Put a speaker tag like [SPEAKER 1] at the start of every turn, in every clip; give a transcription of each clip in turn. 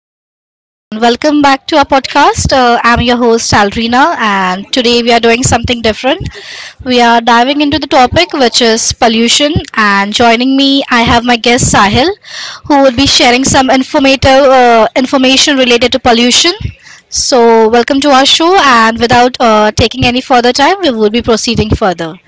[SPEAKER 1] everyone, and welcome back to our podcast. I'm your host Alrina, and today we are doing something different. We are diving into the topic which is pollution, and joining me, I have my guest Sahil, who will be sharing some informative information related to pollution. So, welcome to our show, and without taking any further time, we will be proceeding further.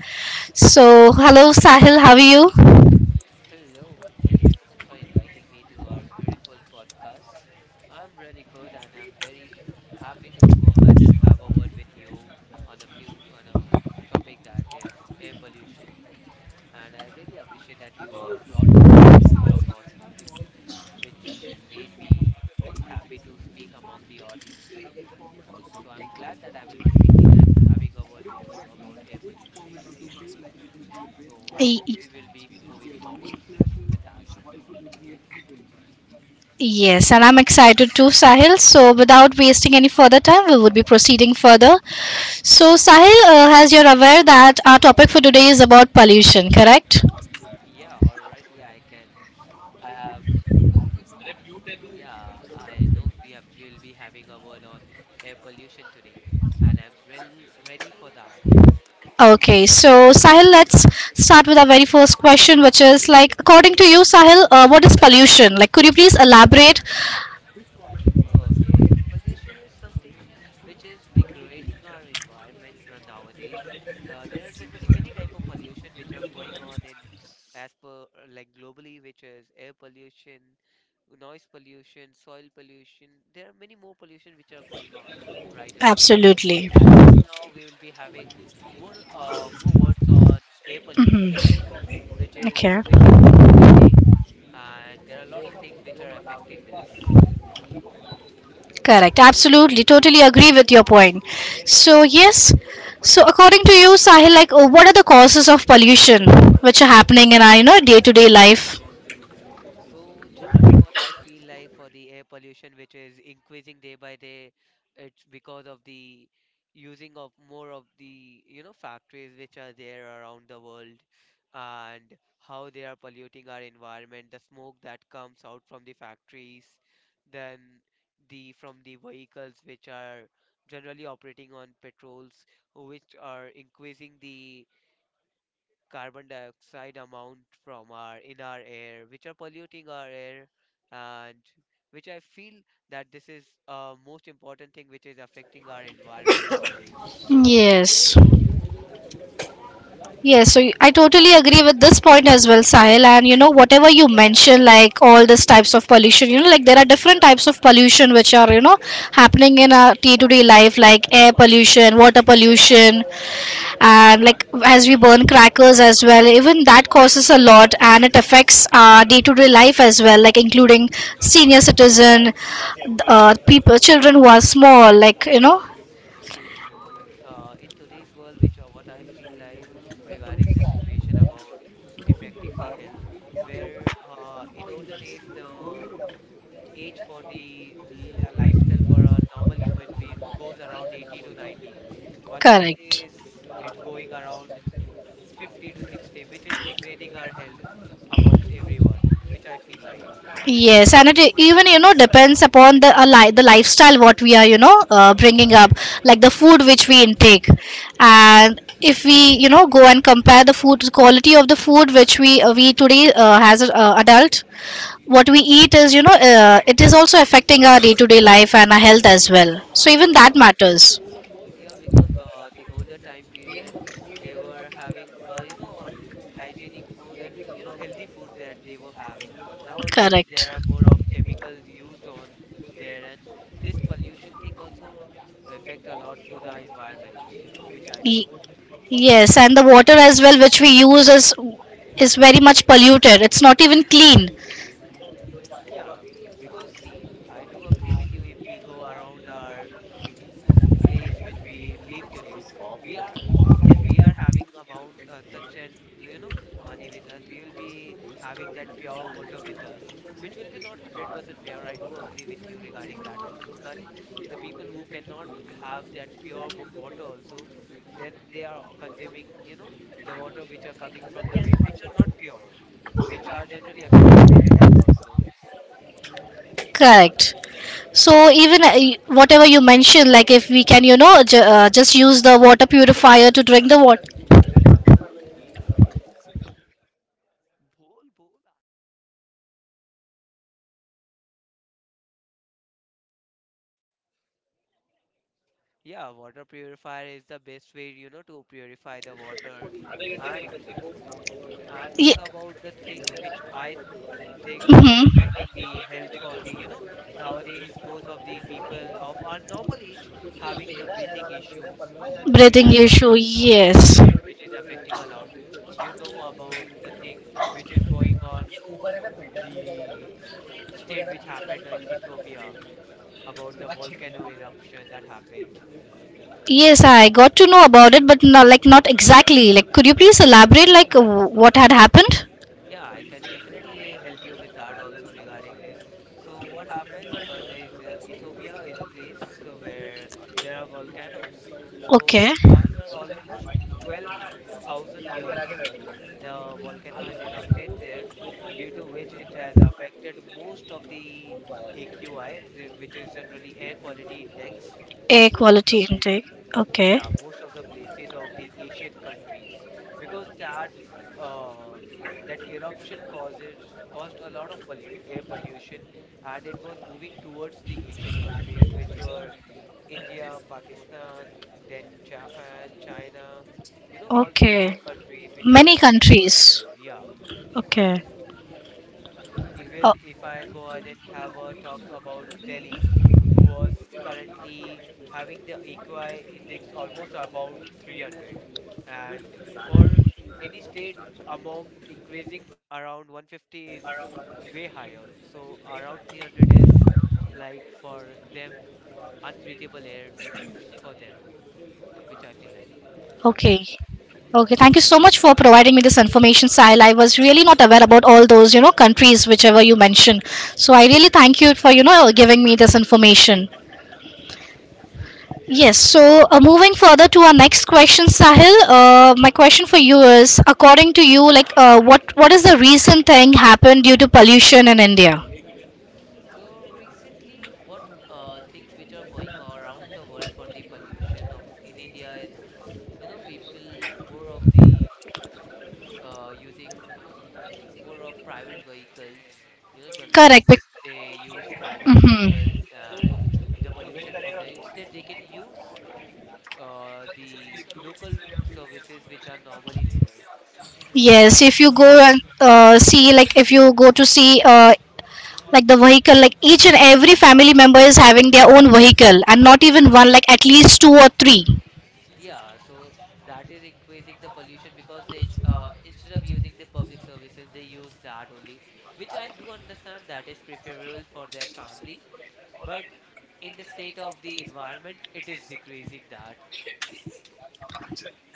[SPEAKER 1] So, hello Sahil, how are
[SPEAKER 2] Hello, thank you so much for inviting me to our beautiful podcast. I'm really good and I'm very happy to go ahead and have a word with you on a few on a topic that is air pollution. And I really appreciate that you brought your podcast, which made me really happy to speak among the audience today. So I'm glad that I will be speaking and having a word with you about air pollution today. So I hope
[SPEAKER 1] you?
[SPEAKER 2] we will be moving forward with that.
[SPEAKER 1] Yes, and I'm excited too, Sahil. So, without wasting any further time, we would be proceeding further. So, Sahil, as you're aware, that our topic for today is about pollution, correct?
[SPEAKER 2] Yeah, already I can. I have, yeah, I know we have, we'll be having a word on air pollution today, and I'm well ready for that.
[SPEAKER 1] Okay, so Sahil, let's start with our very first question, which is like, according to you, Sahil, what is pollution? Like, could you please elaborate?
[SPEAKER 2] Okay, pollution is something which is degrading our environment nowadays. There are generally many type of pollution which are going on in as per like globally, which is air pollution, noise pollution, soil pollution. There are many more pollution which are going on right away. But
[SPEAKER 1] Absolutely.
[SPEAKER 2] as of now, we will be having more words on air pollution, which is
[SPEAKER 1] Okay.
[SPEAKER 2] increasing day by day, and there are a lot of things which are affecting this.
[SPEAKER 1] Correct. Absolutely. Totally agree with your point. So, yes. So, according to you, Sahil, like, what are the causes of pollution which are happening in our, you know, day-to-day life?
[SPEAKER 2] So generally what I feel like for the air pollution which is increasing day by day, it's because of the using of more of the you know factories which are there around the world and how they are polluting our environment, the smoke that comes out from the factories, then the from the vehicles which are generally operating on petrols which are increasing the carbon dioxide amount from our in our air which are polluting our air, and which I feel that this is most important thing which is affecting our environment nowadays.
[SPEAKER 1] Yes. Yes, so I totally agree with this point as well, Sahil. And you know, whatever you mentioned, like all these types of pollution, you know, like there are different types of pollution which are, you know, happening in our day to day life, like air pollution, water pollution, and like as we burn crackers as well, even that causes a lot and it affects our day to day life as well, like including senior citizen, people, children who are small, like, you know,
[SPEAKER 2] See, in today's world, which what I feel like regarding the situation about affecting the health, where in older days the age for the lifestyle for a normal human being goes around 80 to 90, but
[SPEAKER 1] correct.
[SPEAKER 2] nowadays it's going around 50 to 60, which is degrading our health amongst everyone, which I feel like.
[SPEAKER 1] Yes, and even you know depends upon the the lifestyle what we are you know bringing up, like the food which we intake, and if we you know go and compare the food quality of the food which we today as a, adult, what we eat is you know it is also affecting our day to day life and our health as well. So even that
[SPEAKER 2] Yeah,
[SPEAKER 1] matters.
[SPEAKER 2] yeah, because the older time period, they were having, hygienic food and, you know, healthy food that they were having. Nowadays, there
[SPEAKER 1] Correct.
[SPEAKER 2] are more of chemicals used on there, and this pollution thing also affect a lot to the environment, which I
[SPEAKER 1] Y-
[SPEAKER 2] feel.
[SPEAKER 1] yes, and the water as well which we use is very much polluted. It's not even clean.
[SPEAKER 2] Yeah, because see, I do agree with you. If we go around our the place which we live today, we are, if we are having amount such an you know money with us, we will be having that pure water with us, which will be not 100% pure. I do agree with you regarding that also, but the people who cannot have that pure water also, then they are consuming you know the water which are coming from the rain, which are not pure, which are generally affecting their health also.
[SPEAKER 1] Correct. So even whatever you mentioned, like if we can, you know, just use the water purifier to drink the water.
[SPEAKER 2] Bol bol Yeah, water purifier is the best way, you know, to purify the water. And
[SPEAKER 1] Ye-
[SPEAKER 2] what about the thing which I think
[SPEAKER 1] hmm.
[SPEAKER 2] most affecting the health for the, you know, nowadays most of the people of our normal age having the breathing issues, which
[SPEAKER 1] Breathing
[SPEAKER 2] I
[SPEAKER 1] issue,
[SPEAKER 2] feel,
[SPEAKER 1] yes.
[SPEAKER 2] which is affecting a lot. You know about the thing which is going on, the state which happened in Ethiopia about the volcano eruption that happened.
[SPEAKER 1] Yes, I got to know about it, but not like not exactly. Like, could you please elaborate, like what had happened?
[SPEAKER 2] Yeah, I can definitely help you with that also regarding this. So what happened? There is Ethiopia is a place where there are volcanoes. So
[SPEAKER 1] Okay,
[SPEAKER 2] after almost 12,000 years, the volcano has erupted there, due to which it has affected most of the AQI, the, which is generally air quality index of
[SPEAKER 1] air
[SPEAKER 2] most of the
[SPEAKER 1] quality intake.
[SPEAKER 2] places.
[SPEAKER 1] Okay,
[SPEAKER 2] Yeah, most of the places of the Asian countries, because that uh that eruption causes caused a lot of air pollution, and it was moving towards the Asian countries, which were India, Pakistan, then Japan, China, you know, all the Asian
[SPEAKER 1] okay.
[SPEAKER 2] countries which are
[SPEAKER 1] Many
[SPEAKER 2] coming towards
[SPEAKER 1] countries.
[SPEAKER 2] there. Yeah,
[SPEAKER 1] Okay.
[SPEAKER 2] even
[SPEAKER 1] Oh,
[SPEAKER 2] if I go ahead and have a talk about Delhi, who was currently having the AQI index almost about 300. And for any state among increasing around 150 is way higher. So around 300 is like for them unbreathable air for them, which I feel
[SPEAKER 1] okay.
[SPEAKER 2] like.
[SPEAKER 1] Okay, thank you so much for providing me this information, Sahil. I was really not aware about all those, you know, countries whichever you mentioned. So I really thank you for, you know, giving me this information. Yes, so moving further to our next question, Sahil. My question for you is, according to you, like, uh, what is the recent thing happened due to pollution in India?
[SPEAKER 2] So recently, what things which are going around the world for the pollution of in India is, you know, people more of the using more of private vehicles. You know, generally
[SPEAKER 1] Correct.
[SPEAKER 2] which they use private vehicles
[SPEAKER 1] Mhm.
[SPEAKER 2] and the pollution from there. Instead, they can use the local services which are normally there,
[SPEAKER 1] Yes,
[SPEAKER 2] government
[SPEAKER 1] if you go
[SPEAKER 2] services.
[SPEAKER 1] and see, like, if you go to see like the vehicle like each and every family member is having their own vehicle and not even one like at least two or three
[SPEAKER 2] Yeah, so that is increasing the pollution because they instead of using the public services, they use that only, which I do understand that is preferable for their family, but in the state of the environment, it is decreasing that.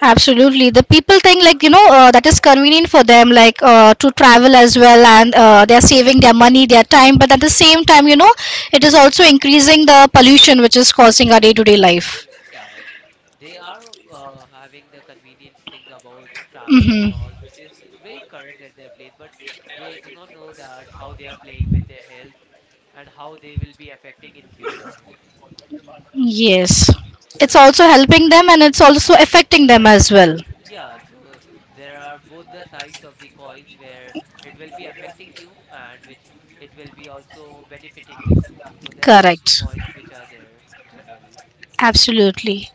[SPEAKER 1] absolutely. The people think like you know that is convenient for them like to travel as well and they are saving their money their time but at the same time you know it is also increasing the pollution which is causing our day to day life.
[SPEAKER 2] Yeah, they are having the convenience thing about traveling and
[SPEAKER 1] Mm-hmm.
[SPEAKER 2] all, which is very correct at their place, but they do not know that how they are playing with their health and how they will be affecting in future.
[SPEAKER 1] Yes, it's also helping them and it's also affecting them as well
[SPEAKER 2] Yeah, so there are both the sides of the coins where it will be affecting you and which it will be also benefiting you. So there are all the
[SPEAKER 1] correct
[SPEAKER 2] points which are there generally.
[SPEAKER 1] absolutely.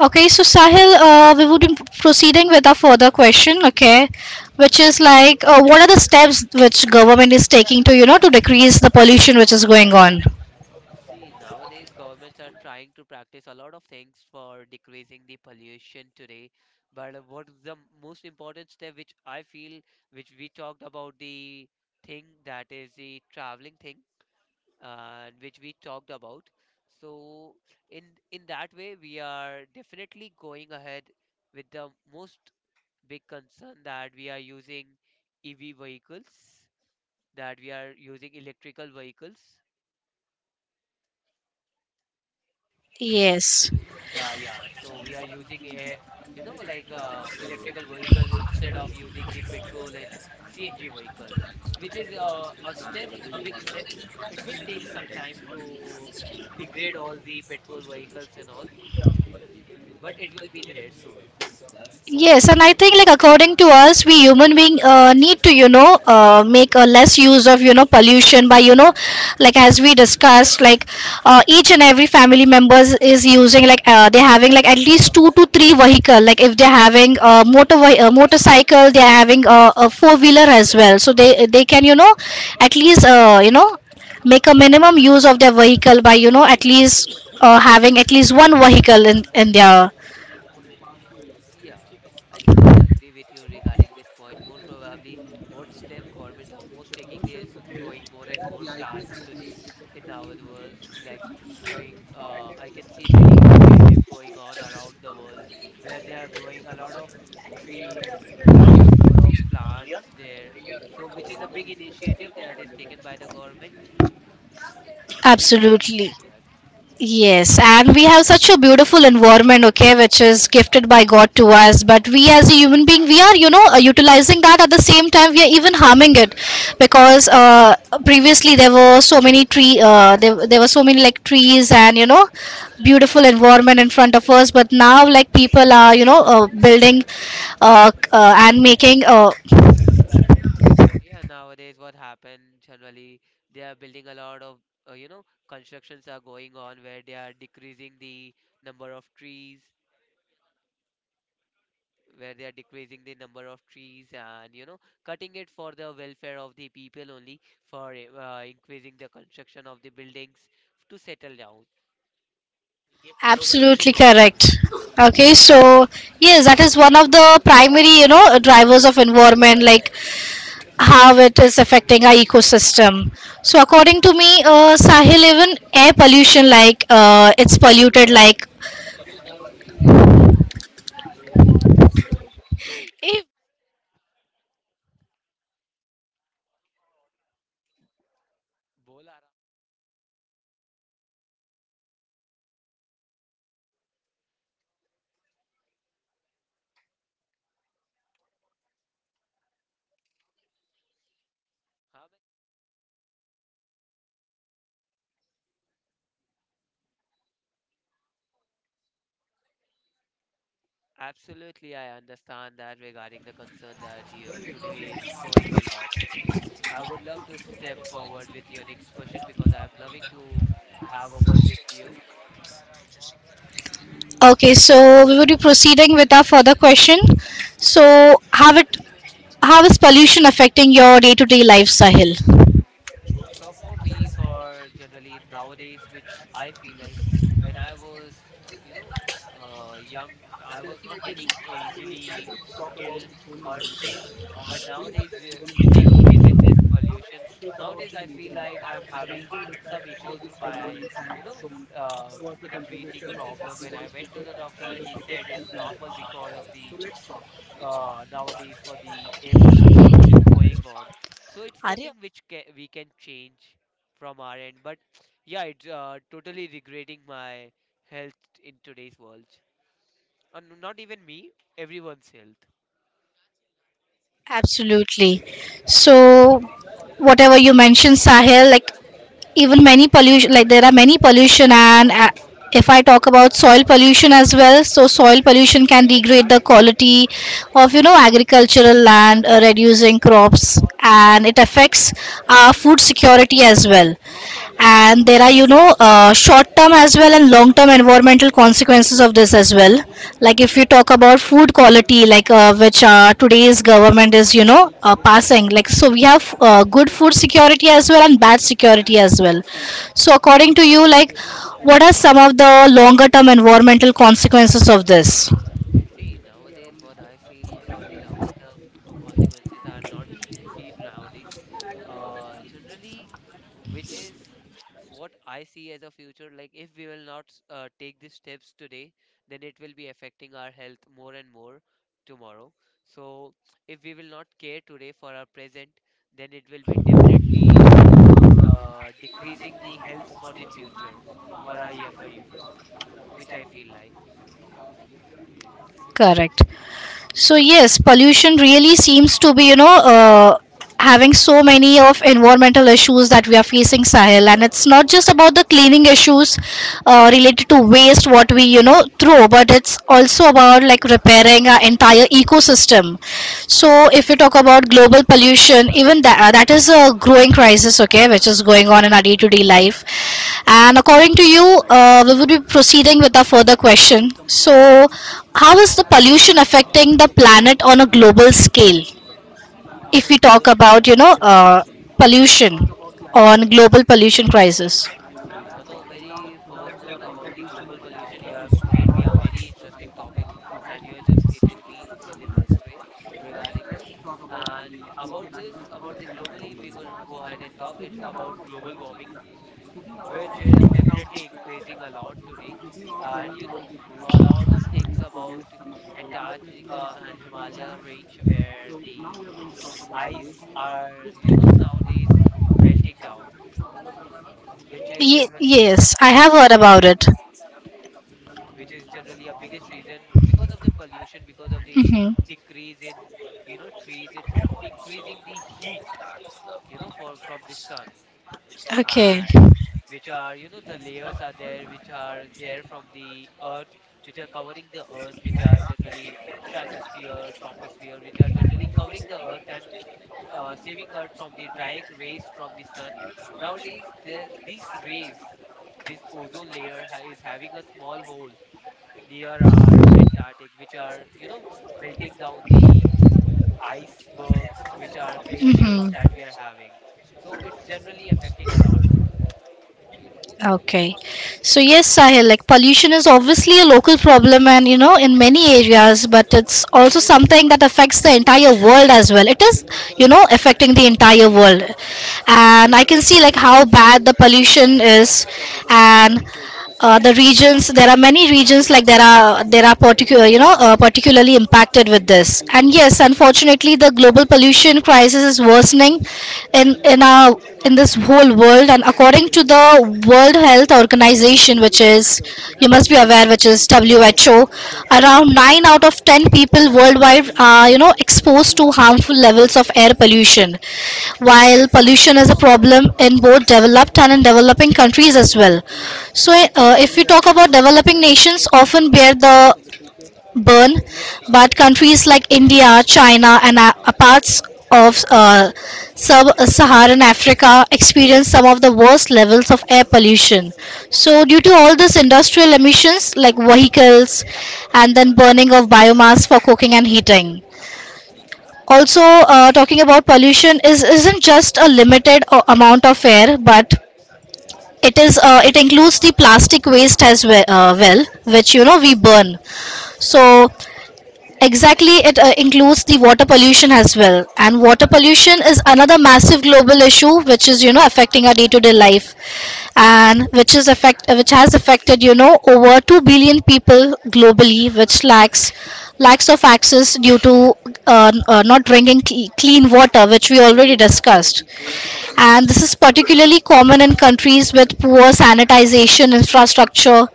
[SPEAKER 1] Okay, so Sahil, we would be proceeding with our further question, okay, which is like, what are the steps which government is taking to, you know, to decrease the pollution which is going on?
[SPEAKER 2] See, nowadays governments are trying to practice a lot of things for decreasing the pollution today. But what is the most important step which I feel, which we talked about the thing that is the traveling thing, which we talked about. So in in that way, we are definitely going ahead with the most big concern that we are using EV vehicles, that we are using electrical vehicles.
[SPEAKER 1] Yes.
[SPEAKER 2] Yeah, so we are using a electrical vehicles instead of using the petrol and CNG vehicles, which is a step, a big step. It will take some time to degrade all the petrol vehicles and all, but it will be there soon.
[SPEAKER 1] Yes, and I think like according to us, we human being need to you know make a less use of you know pollution by you know like as we discussed like each and every family members is using like they're having like at least two to three vehicle like if they're having a a motorcycle they're having a four wheeler as well so they can you know at least you know make a minimum use of their vehicle by you know at least having at least one vehicle in their
[SPEAKER 2] Yeah, I totally agree with you regarding this point. More probably, what step government are most taking is growing more and more plants today in our world. Like growing, I can see many initiative going on around the world where they are growing a lot of trees, planting more of plants there. So, which is a big initiative that is taken by the government. So, which I
[SPEAKER 1] absolutely.
[SPEAKER 2] appreciate that.
[SPEAKER 1] Yes, and we have such a beautiful environment, okay, which is gifted by God to us. But we, as a human being, we are, you know, utilizing that at the same time, we are even harming it because previously there were so many there were so many like trees and, you know, beautiful environment in front of us. But now, like, people are, you know, building and making
[SPEAKER 2] Yeah, nowadays what happened generally, they are building a lot of, you know, constructions are going on where they are decreasing the number of trees, where they are decreasing the number of trees and, you know, cutting it for the welfare of the people only for increasing the construction of the buildings to settle down.
[SPEAKER 1] absolutely correct. Okay, so yes, that is one of the primary, you know, drivers of environment like how it is affecting our ecosystem. So according to me, Sahil, even air pollution, like it's polluted, like.
[SPEAKER 2] बोला रहा- हाँ, absolutely, I understand that regarding the concern that you today it's growing a lot. I would love to step forward with your next question because I'm loving to have a word with you.
[SPEAKER 1] Okay, so we would be proceeding with our further question. So how is pollution affecting your day-to-day life, Sahil?
[SPEAKER 2] So for me, for generally nowadays, which I feel like when I was, uh, you know, young, I was not getting easily ill or sick. But nowadays, we with the increase in this pollution, nowadays I feel like I'm having some issues by, you know, in a breathing problem. When I went to the doctor, he said it's normal because of the nowadays for the air pollution which is going on. So it's nothing which ca we can change from our end. But yeah, it's totally degrading my health in today's world. And not even me, everyone's health.
[SPEAKER 1] Absolutely. So, whatever you mentioned, Sahil, like even many pollution, like there are many pollution, and if I talk about soil pollution as well, so soil pollution can degrade the quality of you know agricultural land, reducing crops, and it affects our food security as well and there are you know short term as well and long term environmental consequences of this as well like if you talk about food quality like which today's government is you know passing like so we have good food security as well and bad security as well so according to you like what are some of the longer term environmental consequences of this
[SPEAKER 2] See, nowadays, what I feel for the longer term consequences are not seen nowadays. Generally, which is what I see as a future. Like, if we will not take these steps today, then it will be affecting our health more and more tomorrow. So, if we will not care today for our present, then it will be definitely decreasing the health for the future for our younger youth, which I feel like.
[SPEAKER 1] correct. So yes, pollution really seems to be, you know, having so many of environmental issues that we are facing, Sahil. And it's not just about the cleaning issues related to waste, what we, you know, throw, but it's also about like repairing our entire ecosystem. So, if you talk about global pollution, even that is a growing crisis, okay, which is going on in our day-to-day life. And according to you, we would be proceeding with a further question. So, how is the pollution affecting the planet on a global scale?
[SPEAKER 2] See, on
[SPEAKER 1] If
[SPEAKER 2] a
[SPEAKER 1] we talk
[SPEAKER 2] global, s-
[SPEAKER 1] about, you know, pollution on
[SPEAKER 2] see,
[SPEAKER 1] global pollution crisis.
[SPEAKER 2] See, on a very first note about the global pollution, you have made me a very interesting topic, and you have just hit me in the best way regarding this. And about this, about the globally, we could go ahead and talk. It's about global warming, which is definitely increasing a lot today. And you know, a lot of things about Antarctica and Himalaya range, where the ice are, nowadays melting down, which is
[SPEAKER 1] Ye
[SPEAKER 2] generally
[SPEAKER 1] yes, I
[SPEAKER 2] the
[SPEAKER 1] have
[SPEAKER 2] biggest
[SPEAKER 1] heard about
[SPEAKER 2] reason
[SPEAKER 1] it.
[SPEAKER 2] which is generally a biggest reason because of the pollution, because of the
[SPEAKER 1] Hmm.
[SPEAKER 2] decrease in trees, it's increasing the heat, for from the sun
[SPEAKER 1] Okay.
[SPEAKER 2] and which are, the layers are there, which are there from the earth, which are covering the earth, which are generally stratosphere, troposphere, which are generally covering the earth and saving earth from the direct rays from the sun. Nowadays, these rays, this ozone layer is having a small hole near our Antarctic, which are, melting down the icebergs, which are glaciers
[SPEAKER 1] Mm-hmm.
[SPEAKER 2] that we are having. So it's generally affecting a lot.
[SPEAKER 1] Okay. So yes, Sahil, like pollution is obviously a local problem and you know in many areas, but it's also something that affects the entire world as well. It is, you know, affecting the entire world. And I can see like how bad the pollution is and the regions there are many regions like there are particular you know particularly impacted with this and yes unfortunately the global pollution crisis is worsening in our in this whole world and according to the World Health Organization which is you must be aware, which is WHO,
[SPEAKER 2] Yeah,
[SPEAKER 1] around 9 out of 10 people worldwide are, you know, exposed to harmful levels of air pollution. While pollution is a problem in both developed and in developing countries as well. So, if we talk about developing nations, often bear the burn, but countries like India, China, and parts of sub-Saharan Africa experience some of the worst levels of air pollution. So, due to all this industrial emissions like vehicles, and then burning of biomass for cooking and heating. Also, talking about pollution is isn't just a limited amount of air, but it includes the plastic waste as well, which you know we burn. So exactly, it includes the water pollution as well. And water pollution is another massive global issue, which is you know affecting our day-to-day life, and which is affect which has affected you know over 2 billion people globally, which lacks of access due to not drinking clean water, which we already discussed and this is particularly common in countries with poor sanitization infrastructure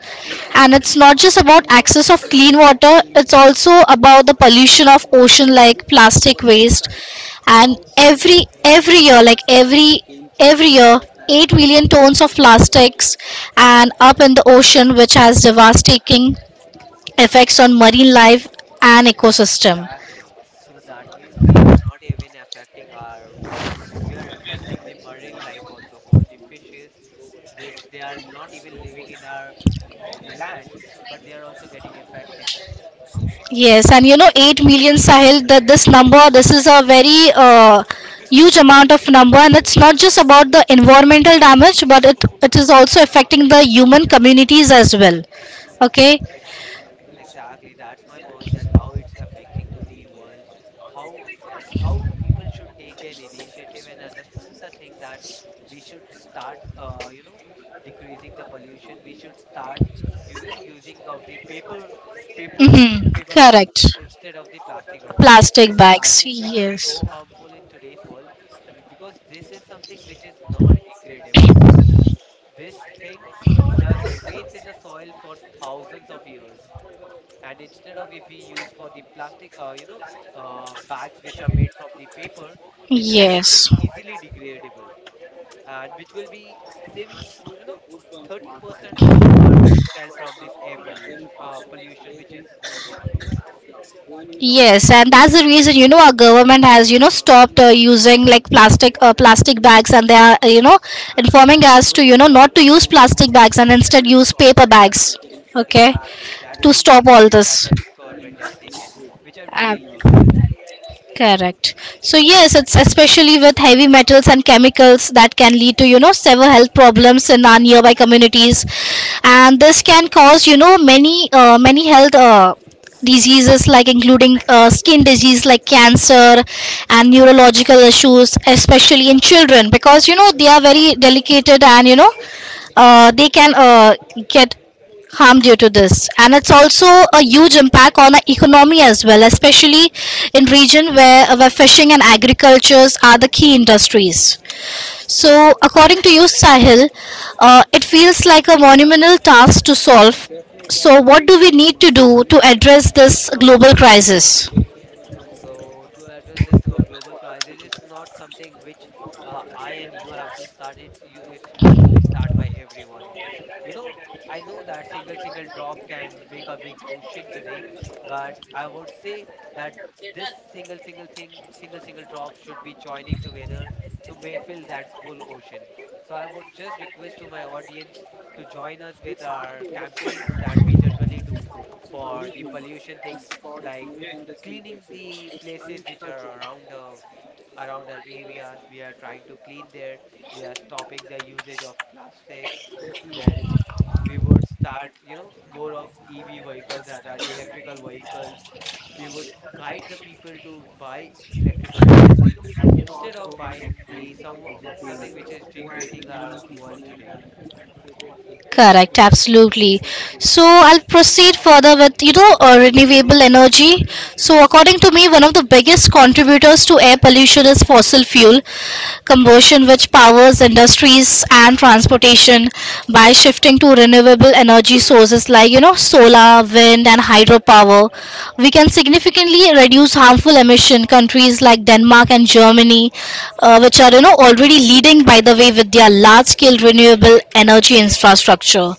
[SPEAKER 1] and it's not just about access of clean water it's also about the pollution of ocean like plastic waste and every year 8 million tons of plastics and up in the ocean which has devastating effects
[SPEAKER 2] yeah,
[SPEAKER 1] on marine life and
[SPEAKER 2] yeah,
[SPEAKER 1] ecosystem.
[SPEAKER 2] exactly. So that means we are not even affecting our world, we are affecting the marine life also for the fishes, which they are not even living in our land, but they are also getting affected.
[SPEAKER 1] Yes, and you know, 8 million Sahil, that this number, this is a very huge amount of number, and it's not just about the environmental damage, but it is also affecting the human communities as well. Okay?
[SPEAKER 2] Exactly, that's my point that how it's affecting to the world, how how people should take an initiative and understand the thing that we should start decreasing the pollution. We should start using of the paper paper you know
[SPEAKER 1] Mm-hmm.
[SPEAKER 2] paper
[SPEAKER 1] Correct.
[SPEAKER 2] bags instead of the plastic bag.
[SPEAKER 1] Plastic
[SPEAKER 2] These
[SPEAKER 1] bags.
[SPEAKER 2] plastics are
[SPEAKER 1] Yes.
[SPEAKER 2] so harmful in today's world because this is something which is non-degradable. This thing just remains in the soil for thousands of years, and instead of if we use for the plastic bags which are made from the paper, which are generally
[SPEAKER 1] Yes.
[SPEAKER 2] easily degradable and which will be saving you know 30% from our lifestyle from this air pollution which is going on.
[SPEAKER 1] Yes, and that's the reason our government has stopped using like plastic plastic bags, and they are informing us to not to use plastic bags and instead use paper bags. Okay.
[SPEAKER 2] Exactly, that's
[SPEAKER 1] To
[SPEAKER 2] an
[SPEAKER 1] stop all
[SPEAKER 2] initiative that
[SPEAKER 1] this.
[SPEAKER 2] has government has taken, which I
[SPEAKER 1] Uh,
[SPEAKER 2] really loved it.
[SPEAKER 1] Correct. So yes, it's especially with heavy metals and chemicals that can lead to several health problems in our nearby communities, and this can cause many many health diseases like including skin disease like cancer and neurological issues, especially in children because they are very delicate and they can get harm due to this, and it's also a huge impact on the economy as well, especially in region where fishing and agricultures are the key industries. So according to you, Sahil, it feels like a monumental task to solve. So what do we need to do to address this global crisis?
[SPEAKER 2] So to address this global crisis, it's not something which I and you have to start. It's you. It's had to be started by everyone. You know, I know that single drop can make a big ocean today, but I would say that this single thing, single drop should be joining together to may fill that full ocean. So I would just request to my audience to join us with our campaigns that we generally do for the pollution thing, like cleaning the places which are around our areas we are trying to clean there, we are stopping the usage of plastic, then we would start more of ev vehicles that are electrical vehicles. We would guide the people to buy electrical vehicle instead of buying the some something which is degrading our world today.
[SPEAKER 1] Correct, absolutely. So I'll proceed further with renewable energy. So according to me, one of the biggest contributors to air pollution is fossil fuel combustion, which powers industries and transportation. By shifting to renewable energy sources like solar, wind, and hydropower, we can significantly reduce harmful emission. Countries like Denmark and Germany, which are already leading by the way with their large scale renewable energy infrastructure.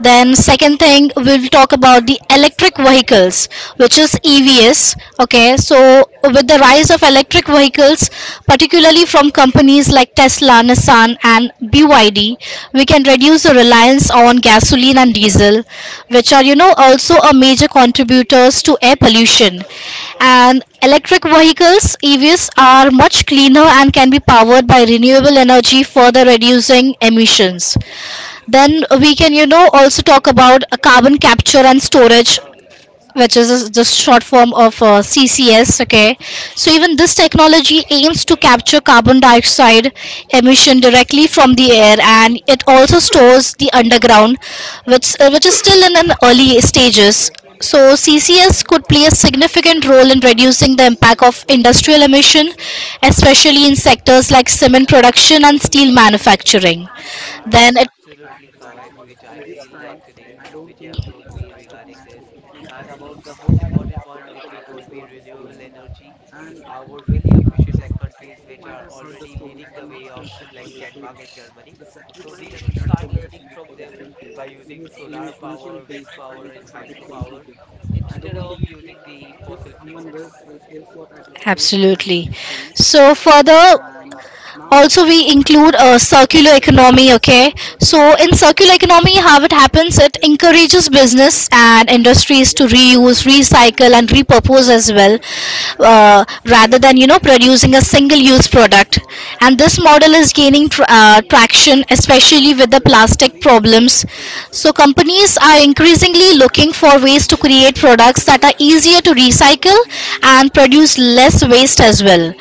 [SPEAKER 1] Then second thing, we'll talk about the electric vehicles, which is EVs. Okay, so with the rise of electric vehicles, particularly from companies like Tesla, Nissan, and BYD, we can reduce the reliance on gasoline and diesel, which are, also a major contributors to air pollution. And electric vehicles, EVs, are much cleaner and can be powered by renewable energy, further reducing emissions. Then we can, also talk about carbon capture and storage, which is the short form of CCS. Okay, so even this technology aims to capture carbon dioxide emission directly from the air, and it also stores the underground, which is still in an early stages. So CCS could play a significant role in reducing the impact of industrial emission, especially in sectors like cement production and steel manufacturing.
[SPEAKER 2] That is
[SPEAKER 1] Then it
[SPEAKER 2] absolutely correct, which I feel like today, which you have told me regarding this. And about the most important point, which you told me, renewable energy. I would really appreciate like countries which are already leading the way of like Denmark and Germany. So we should start learning from them by using solar power, wind power, and hydropower instead of using the fossil fuels.
[SPEAKER 1] Absolutely. So further, also we include a circular economy. Okay, so in circular economy, how it happens, it encourages business and industries to reuse, recycle, and repurpose as well, rather than producing a single use product. And this model is gaining traction, especially with the plastic problems. So companies are increasingly looking for ways to create products that are easier to recycle and produce less waste as well.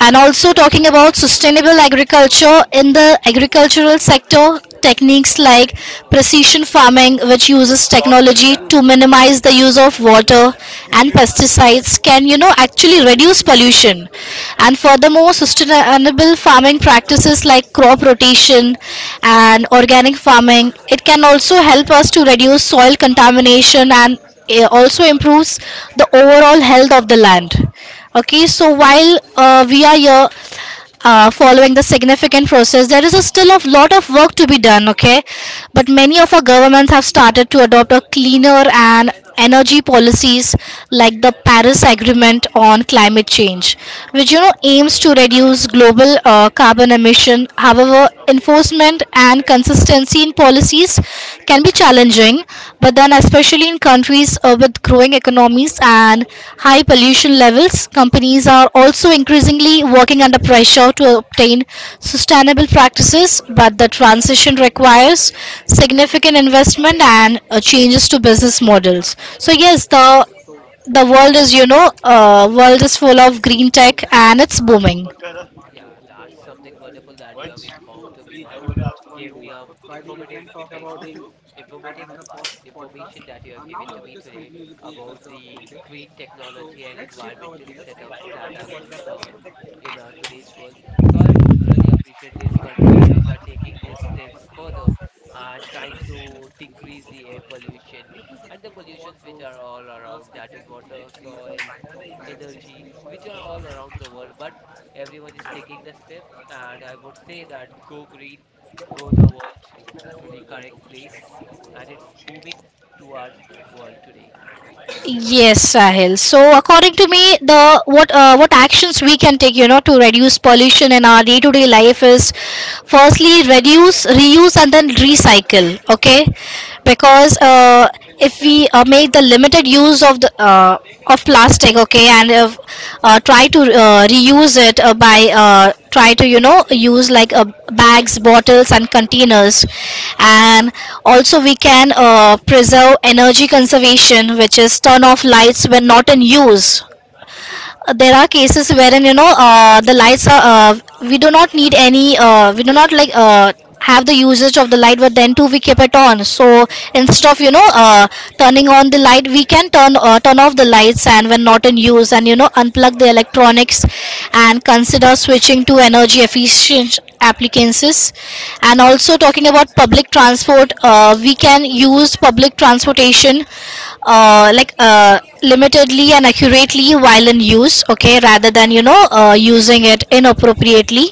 [SPEAKER 1] And also talking about sustainable agriculture, in the agricultural sector, techniques like precision farming, which uses technology to minimize the use of water and pesticides, can actually reduce pollution. And furthermore, sustainable farming practices like crop rotation and organic farming, it can also help us to reduce soil contamination, and it also improves the overall health of the land. Okay, so while we are here following the significant process, there is a still a lot of work to be done. Okay, but many of our governments have started to adopt a cleaner and energy policies, like the Paris Agreement on climate change, which aims to reduce global carbon emission. However, enforcement and consistency in policy policies can be challenging, but then, especially in countries with growing economies and high pollution levels, companies are also increasingly working under pressure to obtain sustainable practices. But the transition requires significant investment and changes to business models. So,
[SPEAKER 2] Yeah,
[SPEAKER 1] yes, the world
[SPEAKER 2] yeah.
[SPEAKER 1] is, world is full of green tech and it's booming.
[SPEAKER 2] Yeah, that's something wonderful that you have informed to me and gave me an thing informative information that you have given to me today about the green technology and environmental setups that are going on in our today's world. So I would really appreciate these countries which are taking these steps further and trying to decrease the air pollution and the pollutions which are all around, that is water, soil, energy, which are all around the world. But everyone is taking the steps, and I would say that go green, go the world to the correct place, and it's booming to our world today.
[SPEAKER 1] Yes, Sahil. So, according to me, the what actions we can take, to reduce pollution in our day-to-day life is, firstly, reduce, reuse, and then recycle. Okay, because if we make the limited use of the of plastic, okay, and try to reuse it by try to use like bags, bottles, and containers. And also we can preserve energy conservation, which is turn off lights when not in use. There are cases wherein the lights are we do not need any we do not like have the usage of the light, but then too we keep it on. So instead of turning on the light, we can turn off the lights and when not in use, and unplug the electronics, and consider switching to energy efficient appliances. And also talking about public transport, we can use public transportation, uh, like uh, limitedly and accurately while in use, okay, rather than using it inappropriately.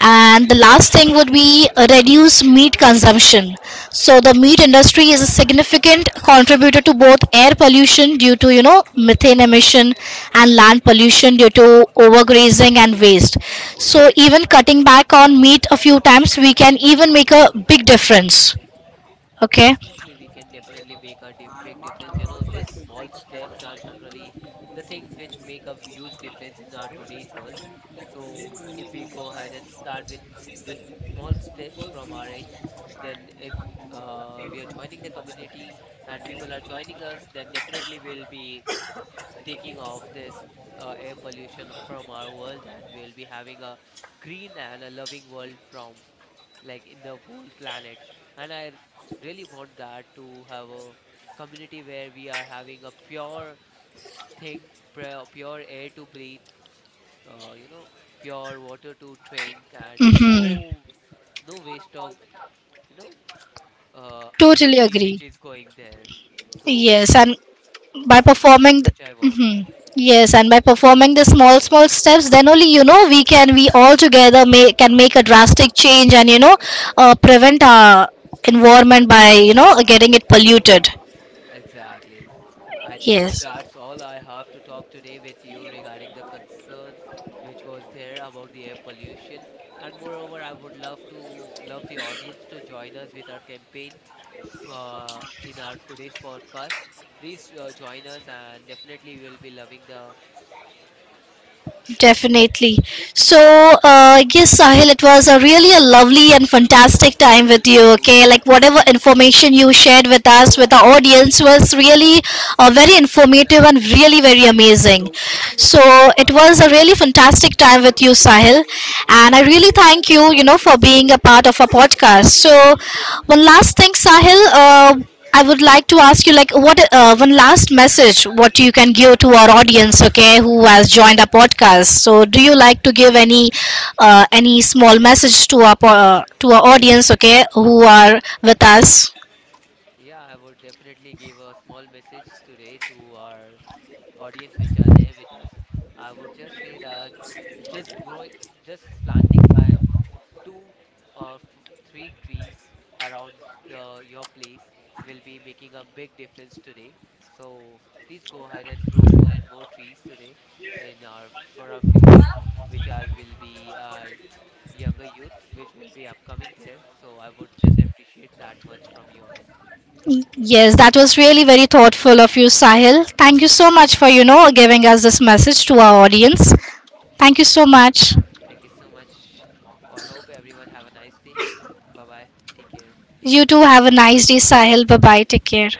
[SPEAKER 1] And the last thing would be reduce meat consumption. So the meat industry is a significant contributor to both air pollution due to methane emission, and land pollution due to overgrazing and waste. So even cutting back on meat a few times, we can even make a big difference. Okay.
[SPEAKER 2] Obviously, we can definitely make a big difference. You know, these small steps are generally the things which make a huge difference in our today's world. So, if we go ahead and start with these small steps from our end, then if we are joining the community and people are joining us, then definitely we'll be taking off this air pollution from our world and we'll be having a green and a loving world from like in the whole planet. And really want that to have a community where we are having a pure thing, pure air to breathe, uh, you know, pure water to drink, and
[SPEAKER 1] Mm-hmm.
[SPEAKER 2] no no waste of you know
[SPEAKER 1] Totally
[SPEAKER 2] energy
[SPEAKER 1] agree.
[SPEAKER 2] which is going there. So
[SPEAKER 1] Yes, and by
[SPEAKER 2] this is something
[SPEAKER 1] performing, th-
[SPEAKER 2] which I want.
[SPEAKER 1] Mhm. Yes, and by performing the small, small steps, then only we can, we all together may, can make a drastic change, and prevent our environment by getting it polluted.
[SPEAKER 2] Exactly. I think
[SPEAKER 1] Yes.
[SPEAKER 2] that's all I have to talk today with you regarding the concern which was there about the air pollution. And moreover, I would love to love the audience to join us with our campaign in our today's podcast. Please join us, and definitely we will be loving the.
[SPEAKER 1] Definitely. So, yes, Sahil, it was a really a lovely and fantastic time with you. Okay, like whatever information you shared with us, with our audience, was really very informative and really very amazing. So, it was a really fantastic time with you, Sahil, and I really thank you, for being a part of our podcast. So, one last thing, Sahil. I would like to ask you, like, what one last message what you can give to our audience, okay, who has joined our podcast. So, do you like to give any small message to our to our audience, okay, who are with us?
[SPEAKER 2] Yeah, I would definitely give a small message today to our audience which are there with us. I would just say that just growing, just planting by two or three trees around the, your place will be making a big difference today. So please go ahead and grow more and more trees today in our for our future, which I will be younger youth, which will be upcoming there. So I would just appreciate that much from your end.
[SPEAKER 1] Yes, that was really very thoughtful of you, Sahil. Thank you so much for giving us this message to our audience. Thank you so much.
[SPEAKER 2] Thank you so much. I hope everyone have a nice day. Bye bye. Take care.
[SPEAKER 1] You too have a nice day, Sahil. Bye bye. Take care.